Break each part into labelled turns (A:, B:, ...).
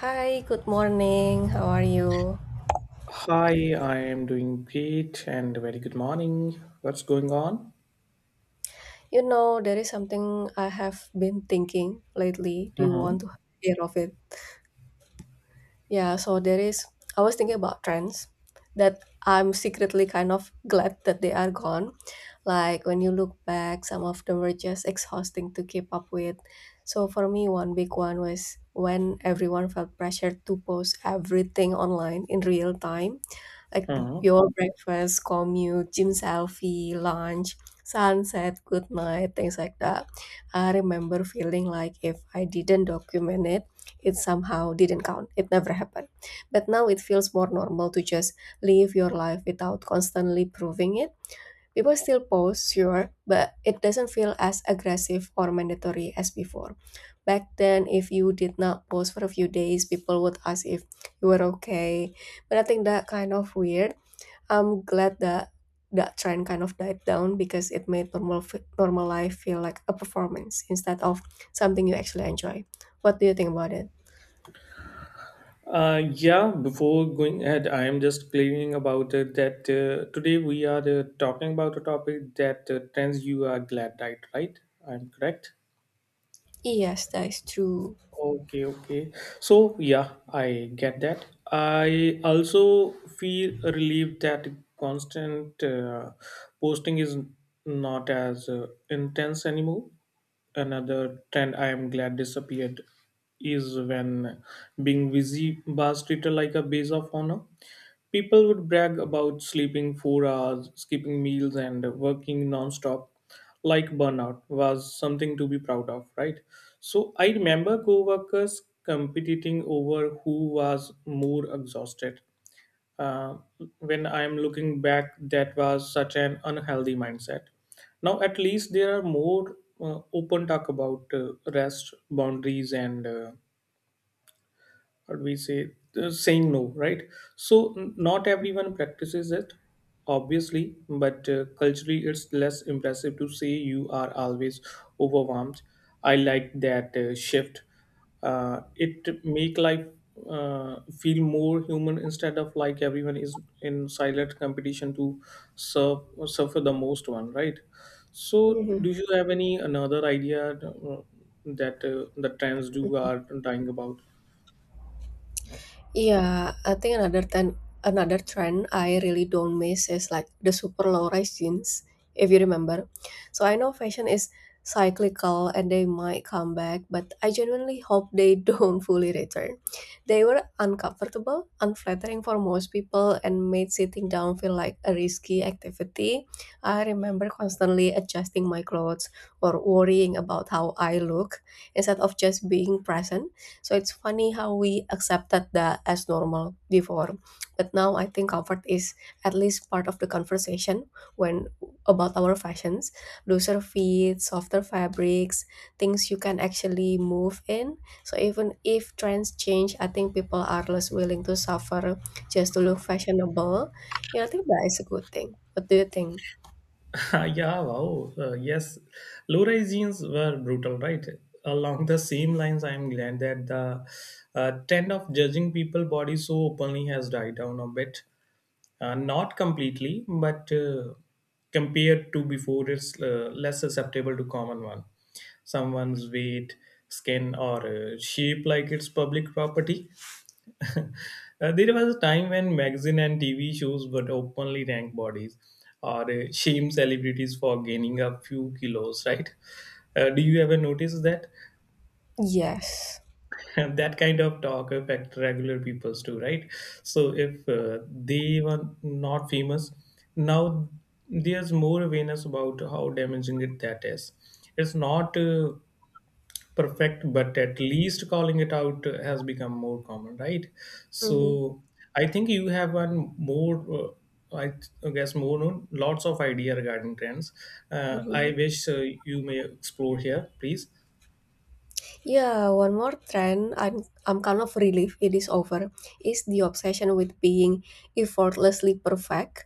A: Hi, good morning. How are you?
B: Hi, I am doing great and very good morning. What's going on?
A: You know, there is something I have been thinking lately. Do you
B: Uh
A: want to hear of it? Yeah, so there is, I was thinking about trends that I'm secretly kind of glad that they are gone. Like when you look back, some of them were just exhausting to keep up with. So for me, one big one was when everyone felt pressured to post everything online in real time like the
B: huh.
A: your breakfast, commute, gym selfie, lunch, sunset, good night, things like that. I remember feeling like if I didn't document it, it somehow didn't count. It never happened. But now it feels more normal to just live your life without constantly proving it. People still post, sure, but it doesn't feel as aggressive or mandatory as before. Back then, if you did not post for a few days, people would ask if you were okay. But I think that kind of weird. I'm glad that that trend kind of died down because it made normal normal life feel like a performance instead of something you actually enjoy. What do you think about it?
B: Yeah, before going ahead, I am just clearing about it that today we are talking about a topic that trends you are glad died, right? I'm correct.
A: Yes, that is true.
B: Okay, okay. So, yeah, I get that. I also feel relieved that constant posting is not as intense anymore. Another trend I am glad disappeared is when being busy was treated like a base of honor. People would brag about sleeping 4 hours, skipping meals, and working non-stop, like burnout was something to be proud of, right? So I remember co-workers competing over who was more exhausted. Uh, when I am looking back, that was such an unhealthy mindset. Now at least there are more open talk about rest, boundaries, and what we say saying no, right? So not everyone practices it obviously, but culturally it's less impressive to say you are always overwhelmed. I like that shift. It make life feel more human, instead of like everyone is in silent competition to serve suffer the most one, right? So
A: Mhm.
B: do you have any another idea that the trends do are dying about?
A: Yeah, I think another trend I really don't miss is like the super low-rise jeans, if you remember. So I know fashion is cyclical and they might come back, but I genuinely hope they don't fully return. They were uncomfortable, unflattering for most people, and made sitting down feel like a risky activity. I remember constantly adjusting my clothes or worrying about how I look instead of just being present. So it's funny how we accepted that as normal before, but now I think comfort is at least part of the conversation when about our fashions, looser fits, softer fabrics, things you can actually move in. So even if trends change, I think people are less willing to suffer just to look fashionable. Yeah, I think that is a good thing. What do you think?
B: Yeah, wow. Yes, low rise jeans were brutal, right? Along the same lines, I'm glad that the trend of judging people bodies so openly has died down a bit. Not completely, but compared to before, it's less susceptible to common one, someone's weight, skin, or shape, like it's public property. There was a time when magazine and TV shows would openly rank bodies or shame celebrities for gaining a few kilos, right? Do you ever notice that?
A: Yes.
B: That kind of talk affect regular peoples too, right? So if they were not famous. Now there's more awareness about how damaging it that is. It's not perfect, but at least calling it out has become more common, right? So I think you have one more, uh, guess more known lots of idea regarding trends. I
A: Mm-hmm.
B: wish you may explore here, please.
A: Yeah, one more trend I'm kind of relieved it is over is the obsession with being effortlessly perfect.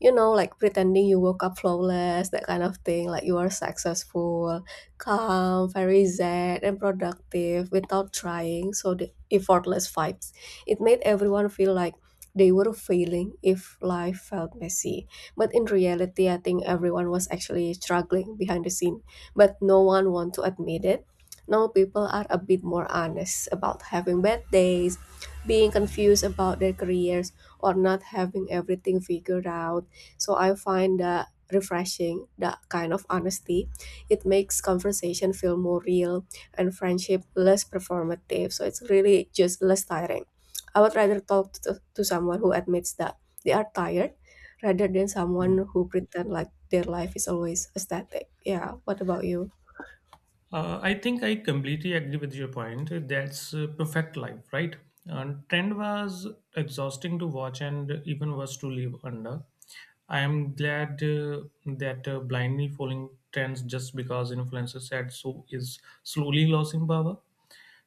A: You know, like pretending you woke up flawless, that kind of thing, like you are successful, calm, very zen and productive without trying, so the effortless vibes. It made everyone feel like they were failing if life felt messy. But in reality, I think everyone was actually struggling behind the scene, but no one want to admit it. Now people are a bit more honest about having bad days, being confused about their careers, or not having everything figured out. So I find that refreshing, that kind of honesty. It makes conversation feel more real and friendship less performative. So it's really just less tiring. I would rather talk to someone who admits that they are tired rather than someone who pretend like their life is always static. Yeah, what about you?
B: I think I completely agree with your point. That's perfect life, right? And trend was exhausting to watch and even worse to live under. I am glad that blindly following trends just because influencers said so is slowly losing power.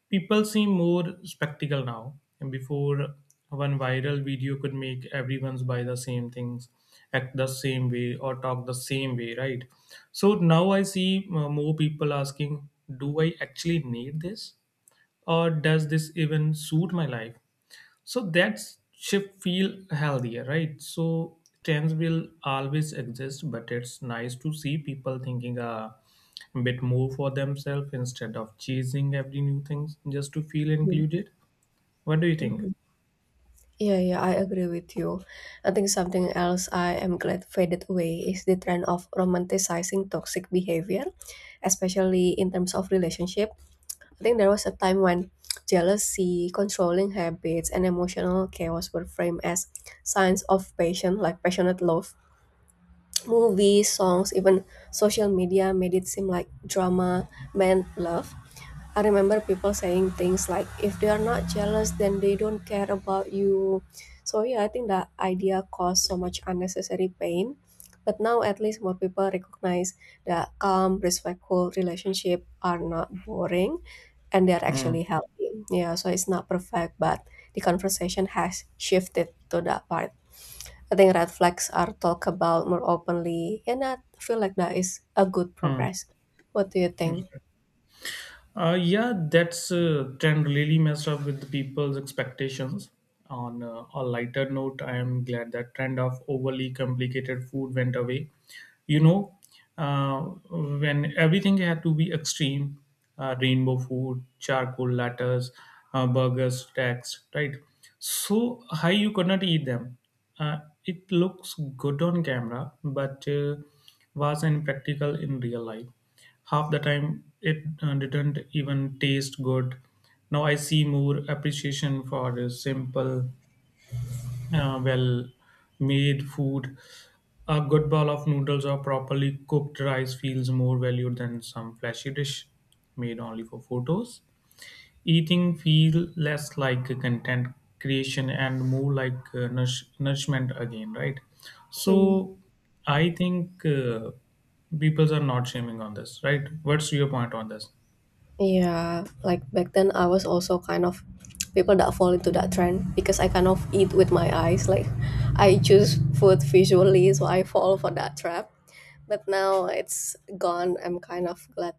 B: People seem more spectacle now. And before, one viral video could make everyone's buy the same things, act the same way, or talk the same way, right? So now I see more people asking, "Do I actually need this?" Or does this even suit my life, so that shift feel healthier, right? So trends will always exist, but it's nice to see people thinking a bit more for themselves instead of chasing every new thing just to feel
A: Mm.
B: included. What do you think?
A: Mhm. Yeah, yeah, I agree with you. I think something else I am glad faded away is the trend of romanticizing toxic behavior, especially in terms of relationship. I think there was a time when jealousy, controlling habits, and emotional chaos were framed as signs of passion, like passionate love. Movies, songs, even social media made it seem like drama meant love. I remember people saying things like, if they are not jealous, then they don't care about you. So, yeah, I think that idea caused so much unnecessary pain. But now, at least, more people recognize that calm, respectful relationship are not boring and they are
B: Hmm.
A: actually healthy. Yeah, so it's not perfect, but the conversation has shifted to that part. I think red flags are talked about more openly, and I feel like that is a good
B: Hmm.
A: progress. What do you think?
B: Yeah, that's trend really messed up with the people's expectations. On a lighter note, I am glad that trend of overly complicated food went away. You know, uh, when everything had to be extreme, rainbow food, charcoal lattes, burgers, stacks, right? So high you could not eat them. Uh, it looks good on camera, but was impractical in real life. Half the time, it didn't even taste good. Now I see more appreciation for the simple, well made food. A good bowl of noodles or properly cooked rice feels more valued than some flashy dish made only for photos. Eating feel less like a content creation and more like nourishment again, right?
A: Hmm.
B: So I think people are not shaming on this, right? What's your point on this?
A: Yeah, like back then I was also kind of people that fall into that trend because I kind of eat with my eyes. Like I choose food visually, so I fall for that trap. But now it's gone. I'm kind of glad.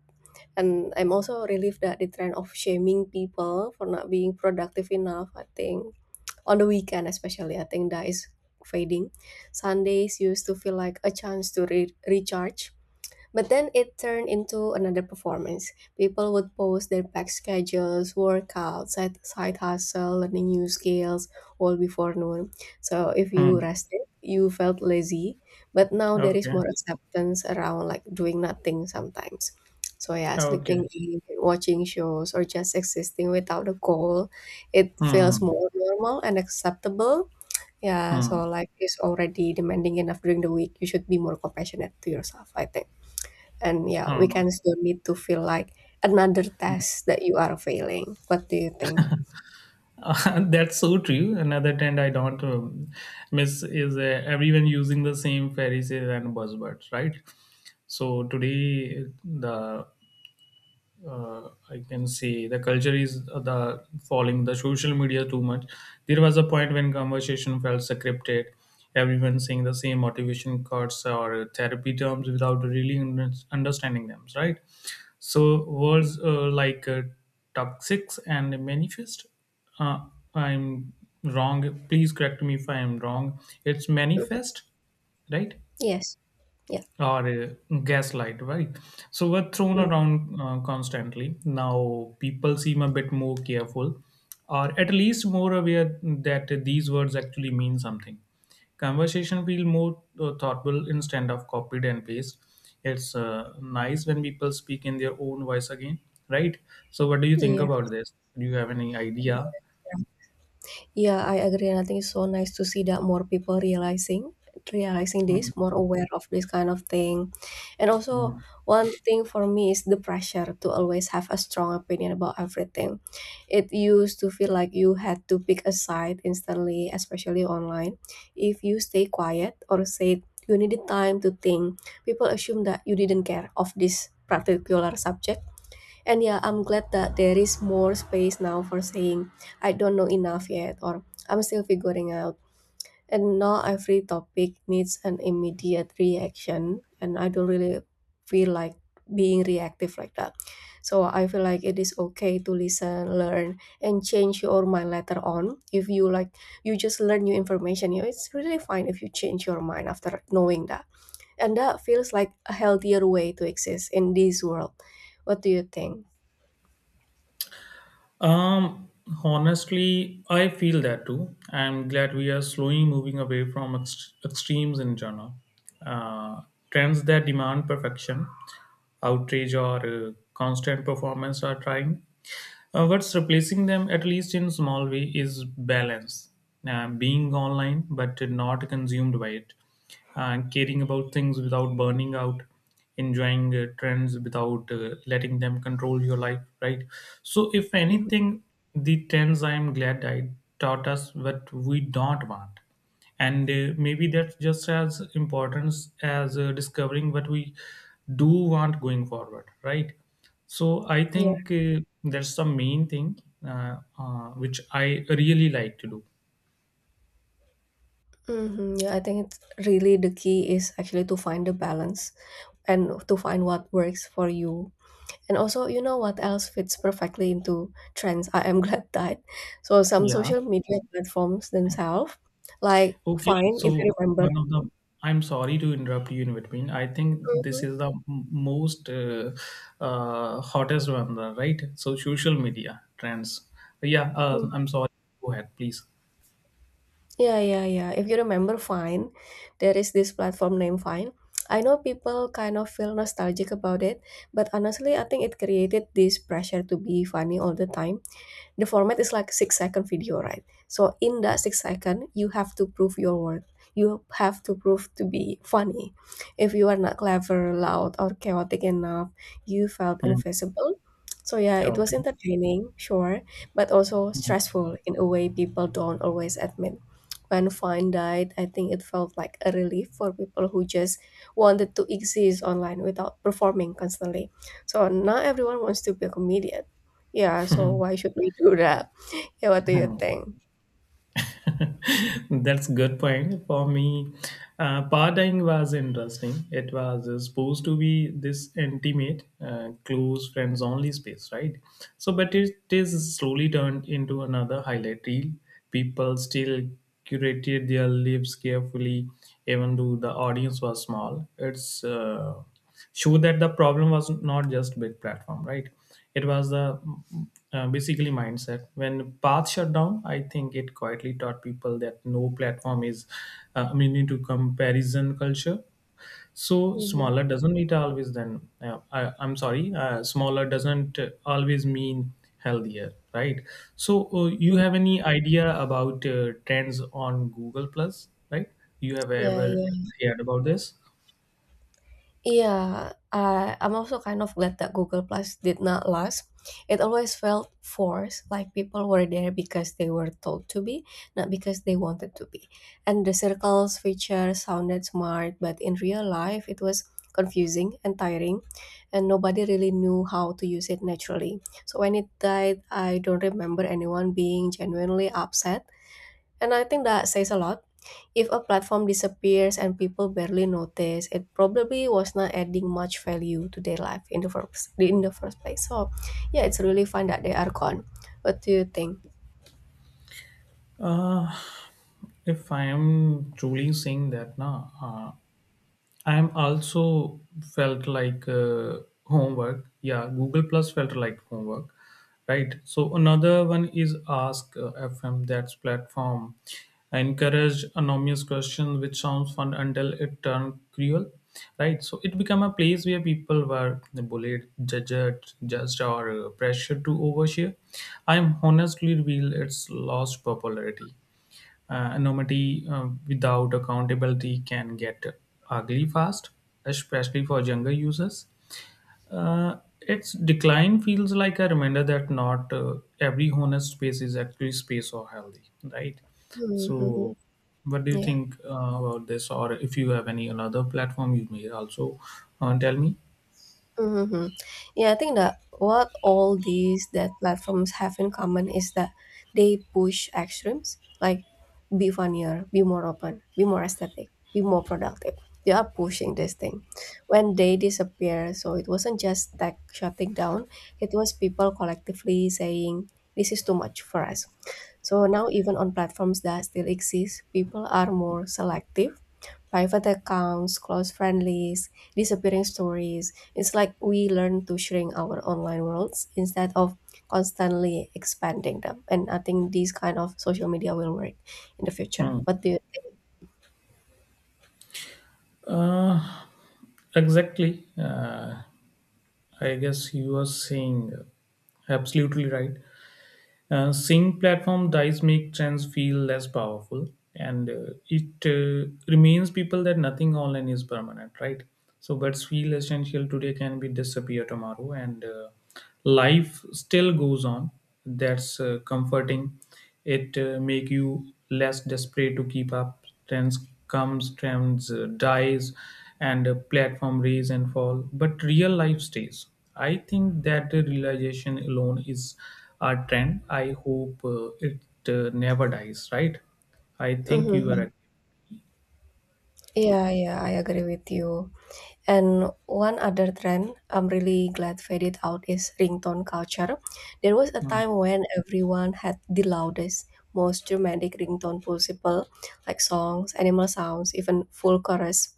A: And I'm also relieved that the trend of shaming people for not being productive enough, I think, on the weekend especially, I think that is fading. Sundays used to feel like a chance to recharge but then it turned into another performance. People would post their packed schedules, workouts, side hustle, learning new skills, all before noon. So if you
B: Hmm.
A: rested, you felt lazy. But now there is
B: Okay.
A: more acceptance around like doing nothing sometimes. So yeah,
B: Okay.
A: sleeping in, watching shows, or just existing without a goal, it feels
B: Hmm.
A: more normal and acceptable. Yeah,
B: Hmm.
A: so like it's already demanding enough during the week. You should be more compassionate to yourself, I think. And yeah,
B: Hmm.
A: weekends don't need to feel like another test that you are failing. What do you think?
B: That's so true. Another trend I don't miss is everyone using the same fairy tale and buzzwords, right? So today the I can say the culture is the following the social media too much. There was a point when conversation felt scripted, everyone saying the same motivation quotes or therapy terms without really understanding them, right? So words like toxic and manifest. Uh, I'm wrong. Please correct me if I am wrong. It's
A: Mhm.
B: manifest, right?
A: Yes. Yeah.
B: Or gaslight, right? So we're thrown
A: Mm.
B: around constantly. Now people seem a bit more careful, or at least more aware that these words actually mean something. Conversation feel more thoughtful instead of copied and paste. It's nice when people speak in their own voice again, right? So what do you think
A: Yeah.
B: about this? Do you have any idea?
A: Yeah, I agree, and I think it's so nice to see that more people realizing
B: Mm,
A: this, more aware of this kind of thing. And also
B: mm.
A: one thing for me is the pressure to always have a strong opinion about everything. It used to feel like you had to pick a side instantly, especially online. If you stay quiet or say you needed time to think, people assume that you didn't care of this particular subject and yeah, I'm glad that there is more space now for saying, I don't know enough yet, or I'm still figuring out. And not every topic needs an immediate reaction, and I don't really feel like being reactive like that. So I feel like it is okay to listen, learn, and change your mind later on. If you like, you just learn new information, you know, it's really fine if you change your mind after knowing that. And that feels like a healthier way to exist in this world. What do you think?
B: Um, Honestly, I feel that too. I'm glad we are slowly moving away from extremes in genre. Uh, Trends that demand perfection, outrage, or constant performance are trying. What's replacing them, at least in small way, is balance. Being online but not consumed by it. Caring about things without burning out. Enjoying trends without letting them control your life, right? So, if
A: Mhm.
B: anything, the trends I am glad I taught us what we don't want, and maybe that's just as important as discovering what we do want going forward, right? So I
A: Yeah.
B: think that's the main thing, uh, which I really like to do.
A: Hmm. Yeah, I think it's really the key is actually to find the balance and to find what works for you. And also, you know what else fits perfectly into trends? I am glad that. So some
B: Yeah,
A: social media platforms themselves, like
B: okay.
A: Fine,
B: So
A: if you remember.
B: one of the, I'm sorry to interrupt you in between, I think this
A: Mhm,
B: is the most hottest one, right? So social media trends, yeah. I'm
A: mhm.
B: sorry, go ahead please.
A: Yeah, yeah, yeah. If you remember Fine, there is this platform named Fine. I know people kind of feel nostalgic about it, but honestly, I think it created this pressure to be funny all the time. The format is like 6-second video, right? So in that 6 second you have to prove your worth, you have to prove to be funny. If you are not clever, loud, or chaotic enough, you felt
B: Hmm.
A: invisible. So yeah, it was
B: Okay.
A: entertaining, sure, but also stressful in a way people don't always admit. When Vine died, I think it felt like a relief for people who just wanted to exist online without performing constantly. So not everyone wants to be a comedian. Yeah, so why should we do that? Yeah, what do you
B: Hmm.
A: think?
B: That's good point. For me, partying was interesting. It was supposed to be this intimate, close friends only space, right? So, but it is slowly turned into another highlight reel. People still curated their lives carefully, even though the audience was small. It's show that the problem was not just big platform, right? It was the basically mindset. When path shut down, I think it quietly taught people that no platform is immune to comparison culture. So
A: Hmm.
B: smaller doesn't need always then I'm sorry, smaller doesn't always mean healthier, right? So you
A: Mm.
B: have any idea about trends on Google Plus, right? You have
A: Yeah,
B: ever
A: yeah.
B: heard about this?
A: Yeah, I'm also kind of glad that Google Plus did not last. It always felt forced, like people were there because they were told to be, not because they wanted to be. And the circles feature sounded smart, but in real life, it was confusing and tiring, and nobody really knew how to use it naturally. So when it died, I don't remember anyone being genuinely upset. And I think that says a lot. If a platform disappears and people barely notice, it probably was not adding much value to their life in the first place. So, yeah, it's really fun that they are gone. What do you think?
B: Uh, if I am truly saying that, na, I'm also felt like homework. Yeah, Google Plus felt like homework, right? So another one is Ask FM. That's platform encourage anonymous questions, which sounds fun until it turned cruel, right? So it became a place where people were bullied, judged, or pressured to overshare. I'm honestly revealed its lost popularity. Anonymity without accountability can get ugly fast, especially for younger users. Uh, its decline feels like a reminder that not every honest space is actually space or healthy, right?
A: Hmm.
B: So, what do you
A: Yeah.
B: think about this? Or if you have any another platform, you may also tell me.
A: Mm-hmm. Yeah, I think that what all these that platforms have in common is that they push extremes like be funnier, be more open, be more aesthetic, be more productive. They are pushing this thing. When they disappear, so it wasn't just tech shutting down, it was people collectively saying this is too much for us. So now even on platforms that still exist, people are more selective: private accounts, close friendlies, disappearing stories. It's like we learn to shrink our online worlds instead of constantly expanding them. And I think these kind of social media will work in the future.
B: Hmm.
A: What do you think?
B: Uh, exactly. I guess you are saying absolutely right. Seeing platform dies make trends feel less powerful, and it remains people that nothing online is permanent, right? So, what's feel essential today can be disappear tomorrow, and life still goes on. That's comforting. It make you less desperate to keep up. Trends comes, trends dies, and platform raise and fall. But real life stays. I think that the realization alone is a trend. I hope it never dies. Right? I think you
A: Hmm.
B: are.
A: Yeah, yeah, I agree with you. And one other trend I'm really glad faded out is ringtone culture. There was a
B: Right.
A: time when everyone had the loudest, most dramatic ringtone possible, like songs, animal sounds, even full chorus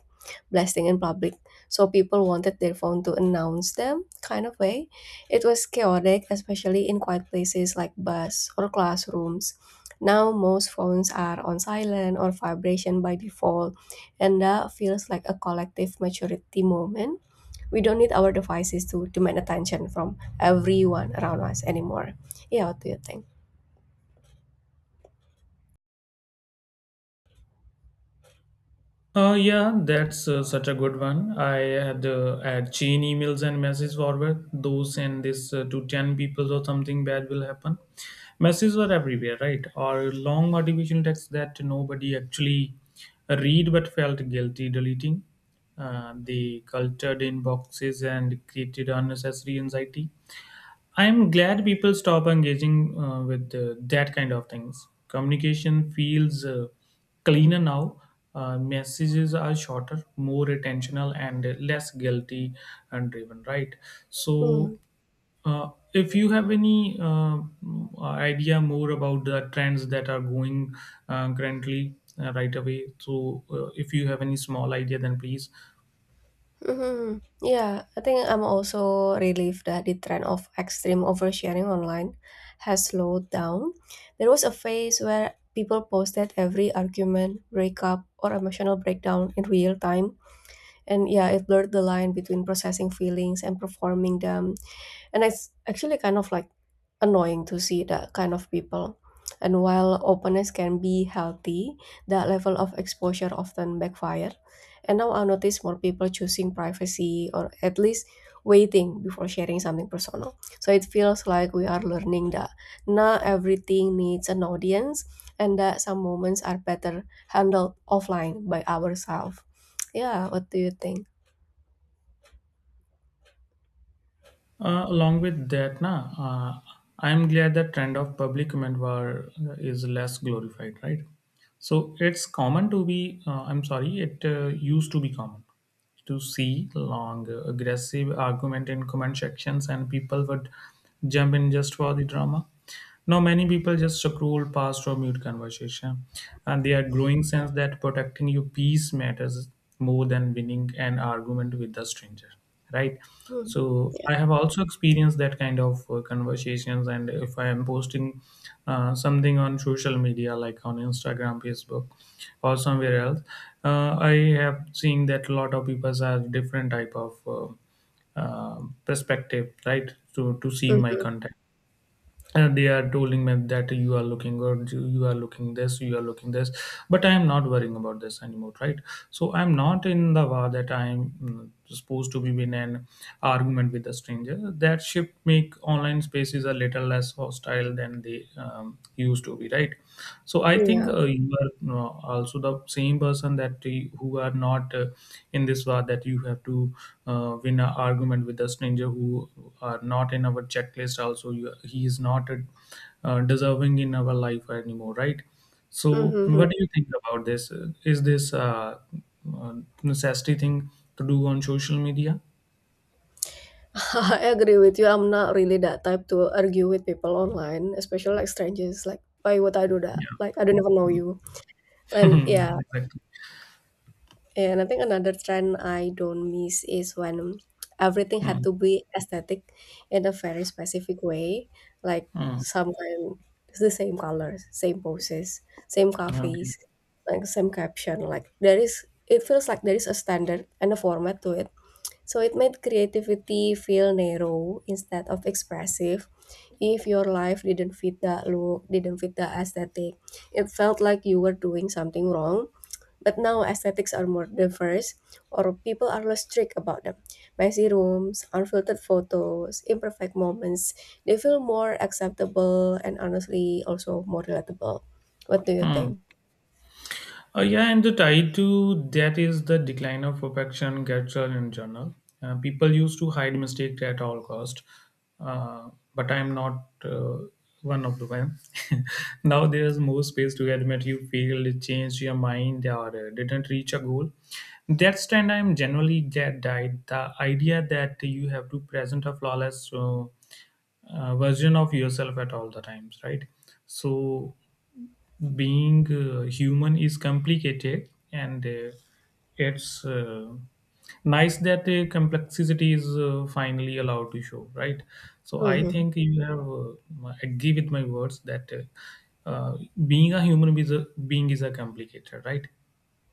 A: blasting in public. So people wanted their phone to announce them, kind of way. It was chaotic, especially in quiet places like bus or classrooms. Now most phones are on silent or vibration by default and that feels like a collective maturity moment. We don't need our devices to demand attention from everyone around us anymore. Yeah, what do you think?
B: Yeah, that's such a good one. I had Had chain emails and messages forward. Those and this to 10 people or something bad will happen. Messages were everywhere, right? Or long motivational texts that nobody actually read but felt guilty deleting. They cultured inboxes and created unnecessary anxiety. I'm glad people stop engaging with that kind of things. Communication feels cleaner now. Messages are shorter, more attentional, and less guilty and driven, right? So,
A: Mm.
B: if you have any idea more about the trends that are going currently right away, so if you have any small idea, then please.
A: Yeah, I think I'm also relieved that the trend of extreme oversharing online has slowed down. There was a phase where people posted every argument, breakup, or emotional breakdown in real time. And yeah, it blurred the line between processing feelings and performing them, and it's actually kind of annoying to see that kind of people. And while openness can be healthy, that level of exposure often backfire. And now I notice more people choosing privacy, or at least waiting before sharing something personal. So it feels like we are learning that not everything needs an audience, and that some moments are better handled offline by ourselves. Yeah, what do you think?
B: Along with that, na, I'm glad the trend of public comment war is less glorified, right? So it's common to be, I'm sorry, it used to be common to see long, aggressive argument in comment sections, and people would jump in just for the drama. Now, many people just scroll past or mute conversation, and they are growing sense that protecting your peace matters more than winning an argument with a stranger, right?
A: Hmm.
B: So,
A: Yeah.
B: I have also experienced that kind of conversations, and if I am posting something on social media, like on Instagram, Facebook, or somewhere else, I have seen that a lot of people have different type of perspective, right, to see my
A: Mhm.
B: content, and they are telling me that you are looking good, you are looking this, you are looking this, but I am not worrying about this anymore, right? So I'm not in the war that I'm supposed to be in an argument with a stranger. That shift make online spaces a little less hostile than they used to be, right? So I think
A: Yeah.
B: you are also the same person that who are not in this war, that you have to win an argument with a stranger who are not in our checklist. Also, you, he is not deserving in our life anymore, right? So
A: hmm
B: what do you think about this? Is this uh, necessity thing to do on social media?
A: I agree with you. I'm not really that type to argue with people online, especially like strangers. Like, why would I do that?
B: Yeah,
A: Like, I don't even know you. And yeah,
B: exactly.
A: and I think another trend I don't miss is when everything had
B: Mm,
A: to be aesthetic in a very specific way. Like,
B: mm,
A: some kind, it's the same colors, same poses, same
B: okay.
A: coffees, like same caption. Like, it feels like there is a standard and a format to it, so it made creativity feel narrow instead of expressive. If your life didn't fit that look, didn't fit the aesthetic, it felt like you were doing something wrong. But now aesthetics are more diverse, or people are less strict about them. Messy rooms, unfiltered photos, imperfect moments, they feel more acceptable and honestly also more relatable. What do you
B: Mm.
A: think?
B: Yeah, and the tie to that is the decline of perfection culture in general. People used to hide mistakes at all cost, uh, but I'm not one of the them. Now there is more space to admit you failed, changed your mind, or didn't reach a goal. That's trend I'm generally get died. The idea that you have to present a flawless version of yourself at all the times, right? So being human is complicated, and it's nice that the complexity is finally allowed to show, right? So I
A: Mm-hmm.
B: think you have agree with my words that uh, uh, being a human is a, being is a complicated, right?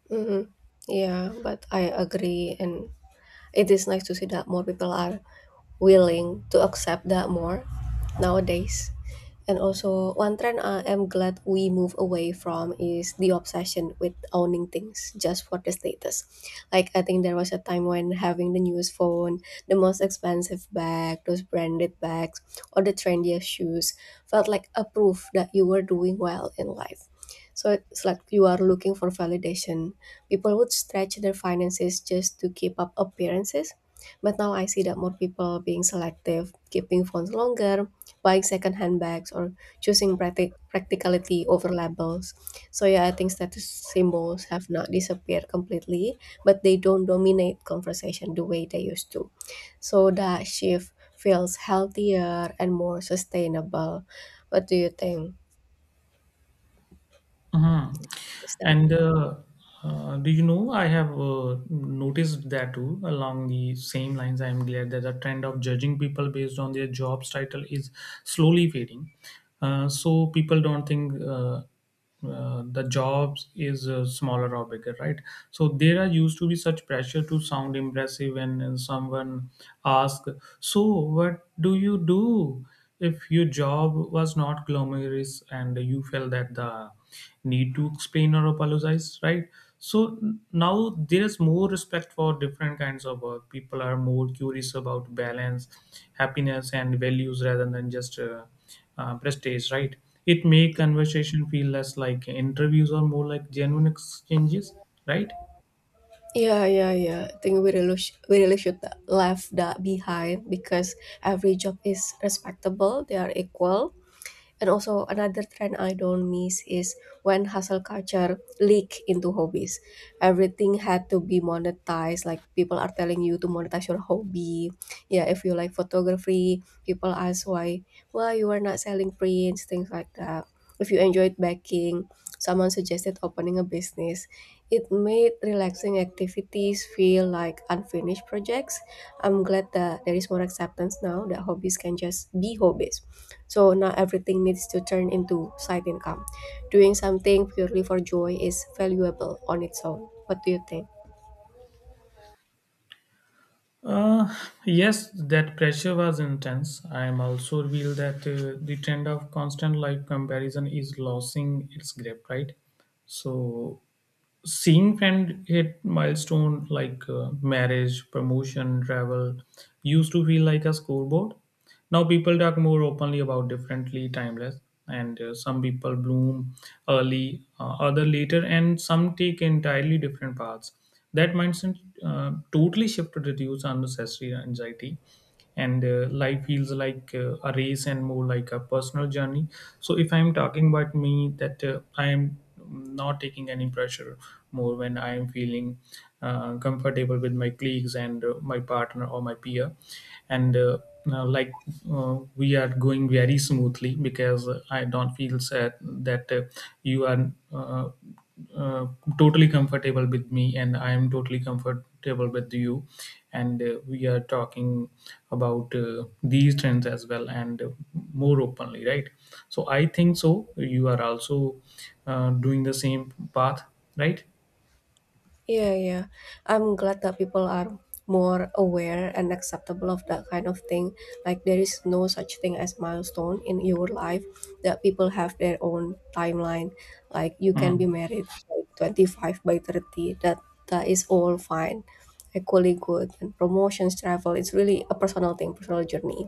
A: Mm-hmm. Yeah, but I agree, and it is nice to see that more people are willing to accept that more nowadays. And also, one trend I am glad we move away from is the obsession with owning things just for the status. Like, I think there was a time when having the newest phone, the most expensive bag, those branded bags, or the trendiest shoes felt like a proof that you were doing well in life. So it's like you are looking for validation. People would stretch their finances just to keep up appearances. But now I see that more people being selective, keeping phones longer, buying second-hand bags, or choosing practicality over labels. So yeah, I think status symbols have not disappeared completely, but they don't dominate conversation the way they used to. So that shift feels healthier and more sustainable. What do you think?
B: Mhm.
A: Is that?
B: And Do you know, I have noticed that too along the same lines. I am glad that the trend of judging people based on their job's title is slowly fading. So people don't think the jobs is smaller or bigger, right? So there are used to be such pressure to sound impressive when someone asks, "So what do you do?" If your job was not glamorous and you felt that the need to explain or apologize, right? So now there is more respect for different kinds of work. People are more curious about balance, happiness, and values rather than just prestige, right? It make conversation feel less like interviews or more like genuine exchanges, right?
A: Yeah, yeah, yeah. I think we really, we really should leave that behind, because every job is respectable. They are equal. And also another trend I don't miss is when hustle culture leak into hobbies. Everything had to be monetized. Like people are telling you to monetize your hobby. Yeah, if you like photography, people ask why you are not selling prints, things like that. If you enjoyed baking, someone suggested opening a business. It made relaxing activities feel like unfinished projects. I'm glad that there is more acceptance now that hobbies can just be hobbies, so not everything needs to turn into side income. Doing something purely for joy is valuable on its own. What do you think?
B: Uh, yes, that pressure was intense. I am also revealed that the trend of constant life comparison is losing its grip, right? So, seeing friend hit milestone like marriage, promotion, travel used to feel like a scoreboard. Now people talk more openly about differently timeless, and some people bloom early, other later, and some take entirely different paths. That mindset totally shift to reduce unnecessary anxiety, and life feels like a race and more like a personal journey. So if I'm talking about me, that I am not taking any pressure more when I am feeling comfortable with my colleagues and my partner or my peer. And now, like we are going very smoothly because I don't feel sad that you are uh, totally comfortable with me, and I am totally comfortable with you, and we are talking about these trends as well, and more openly, right? So I think so you are also doing the same path, right?
A: Yeah, yeah. I'm glad that people are more aware and acceptable of that kind of thing. Like there is no such thing as milestone in your life, that people have their own timeline. Like you can be
B: Mm,
A: married by 25, by 30. That is all fine. Equally good, and promotions, travel, it's really a personal thing, personal journey.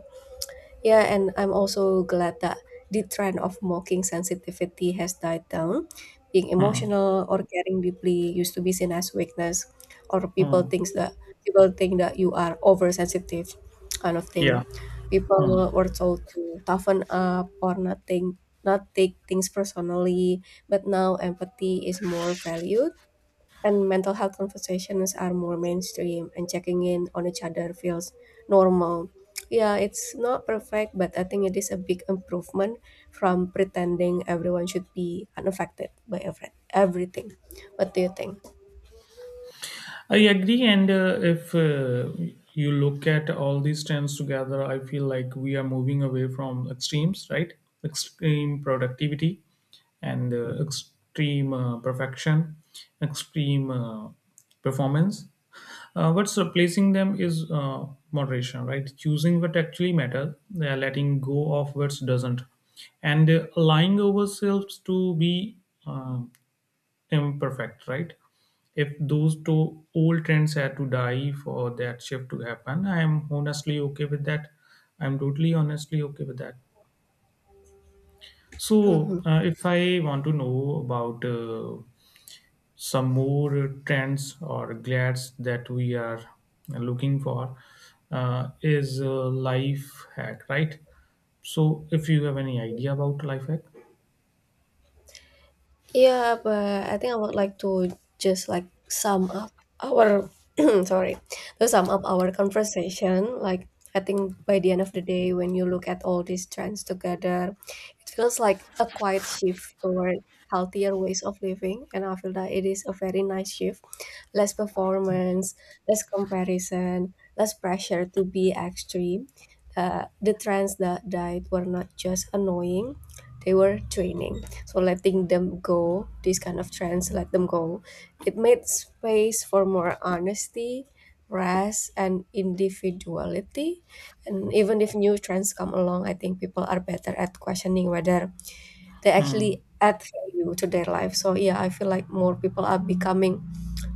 A: Yeah, and I'm also glad that the trend of mocking sensitivity has died down. Being
B: mm,
A: emotional or caring deeply used to be seen as weakness, or
B: mm.
A: people think that you are oversensitive, kind of thing.
B: Yeah. Mm.
A: People were told to toughen up or not think, not take things personally, but now empathy is more valued, and mental health conversations are more mainstream, and checking in on each other feels normal. Yeah, it's not perfect, but I think it is a big improvement from pretending everyone should be unaffected by everything. What do you think?
B: I agree, and if you look at all these trends together, I feel like we are moving away from extremes, right? Extreme productivity and extreme perfection, extreme performance. What's replacing them is moderation, right? Choosing what actually matters, letting go of what doesn't, and allowing ourselves to be um imperfect, right? If those two old trends had to die for that shift to happen, I am honestly okay with that. I'm totally honestly okay with that. So,
A: Mhm.
B: if I want to know about some more trends or glads that we are looking for, is life hack, right? So, if you have any idea about life hack,
A: Yeah, but I think I would like to just like sum up our sorry, to sum up our conversation. Like I think by the end of the day, when you look at all these trends together, it feels like a quiet shift toward healthier ways of living, and I feel that it is a very nice shift. Less performance, less comparison, less pressure to be extreme. The trends that died were not just annoying; they were draining. So letting them go, these kind of trends, let them go. It made space for more honesty, rest, and individuality. And even if new trends come along, I think people are better at questioning whether they
B: hmm.
A: actually add value to their life. So yeah, I feel like more people are becoming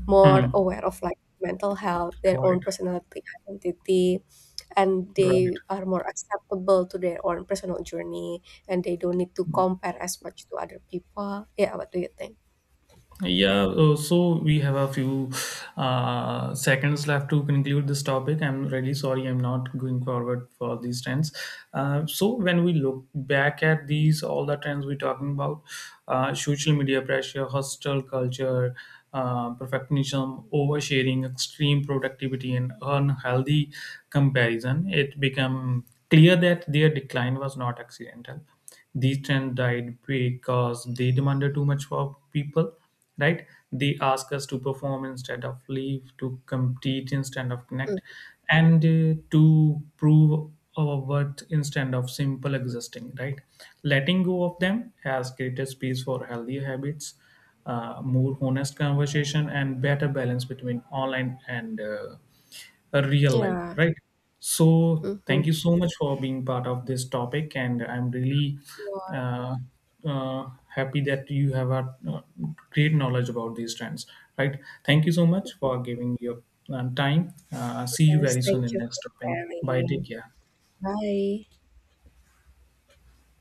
A: more
B: Hmm.
A: aware of like mental health, their
B: Right,
A: own personality, identity, and
B: right.
A: they are more acceptable to their own personal journey, and they don't need to compare as much to other people. Yeah, what do you think?
B: Yeah, so we have a few seconds left to conclude this topic. I'm really sorry I'm not going forward for these trends. So when we look back at these, all the trends we're talking about, social media pressure, hostile culture, perfectionism, oversharing, extreme productivity, and unhealthy comparison, it became clear that their decline was not accidental. These trends died because they demanded too much of people, right? They ask us to perform instead of live, to compete instead of connect,
A: Mm,
B: and to prove our worth instead of simple existing, right? Letting go of them has created space for healthier habits, more honest conversation, and better balance between online and a real life,
A: yeah.
B: right? So
A: Mm-hmm.
B: thank you so much for being part of this topic, and I'm really uh, uh, happy that you have a uh, great knowledge about these trends, right? Thank you so much for giving your time. See you
A: Yes,
B: very soon
A: thank
B: in
A: you
B: next
A: for
B: topic. Bye.
A: sharing.
B: Take care.
A: Bye.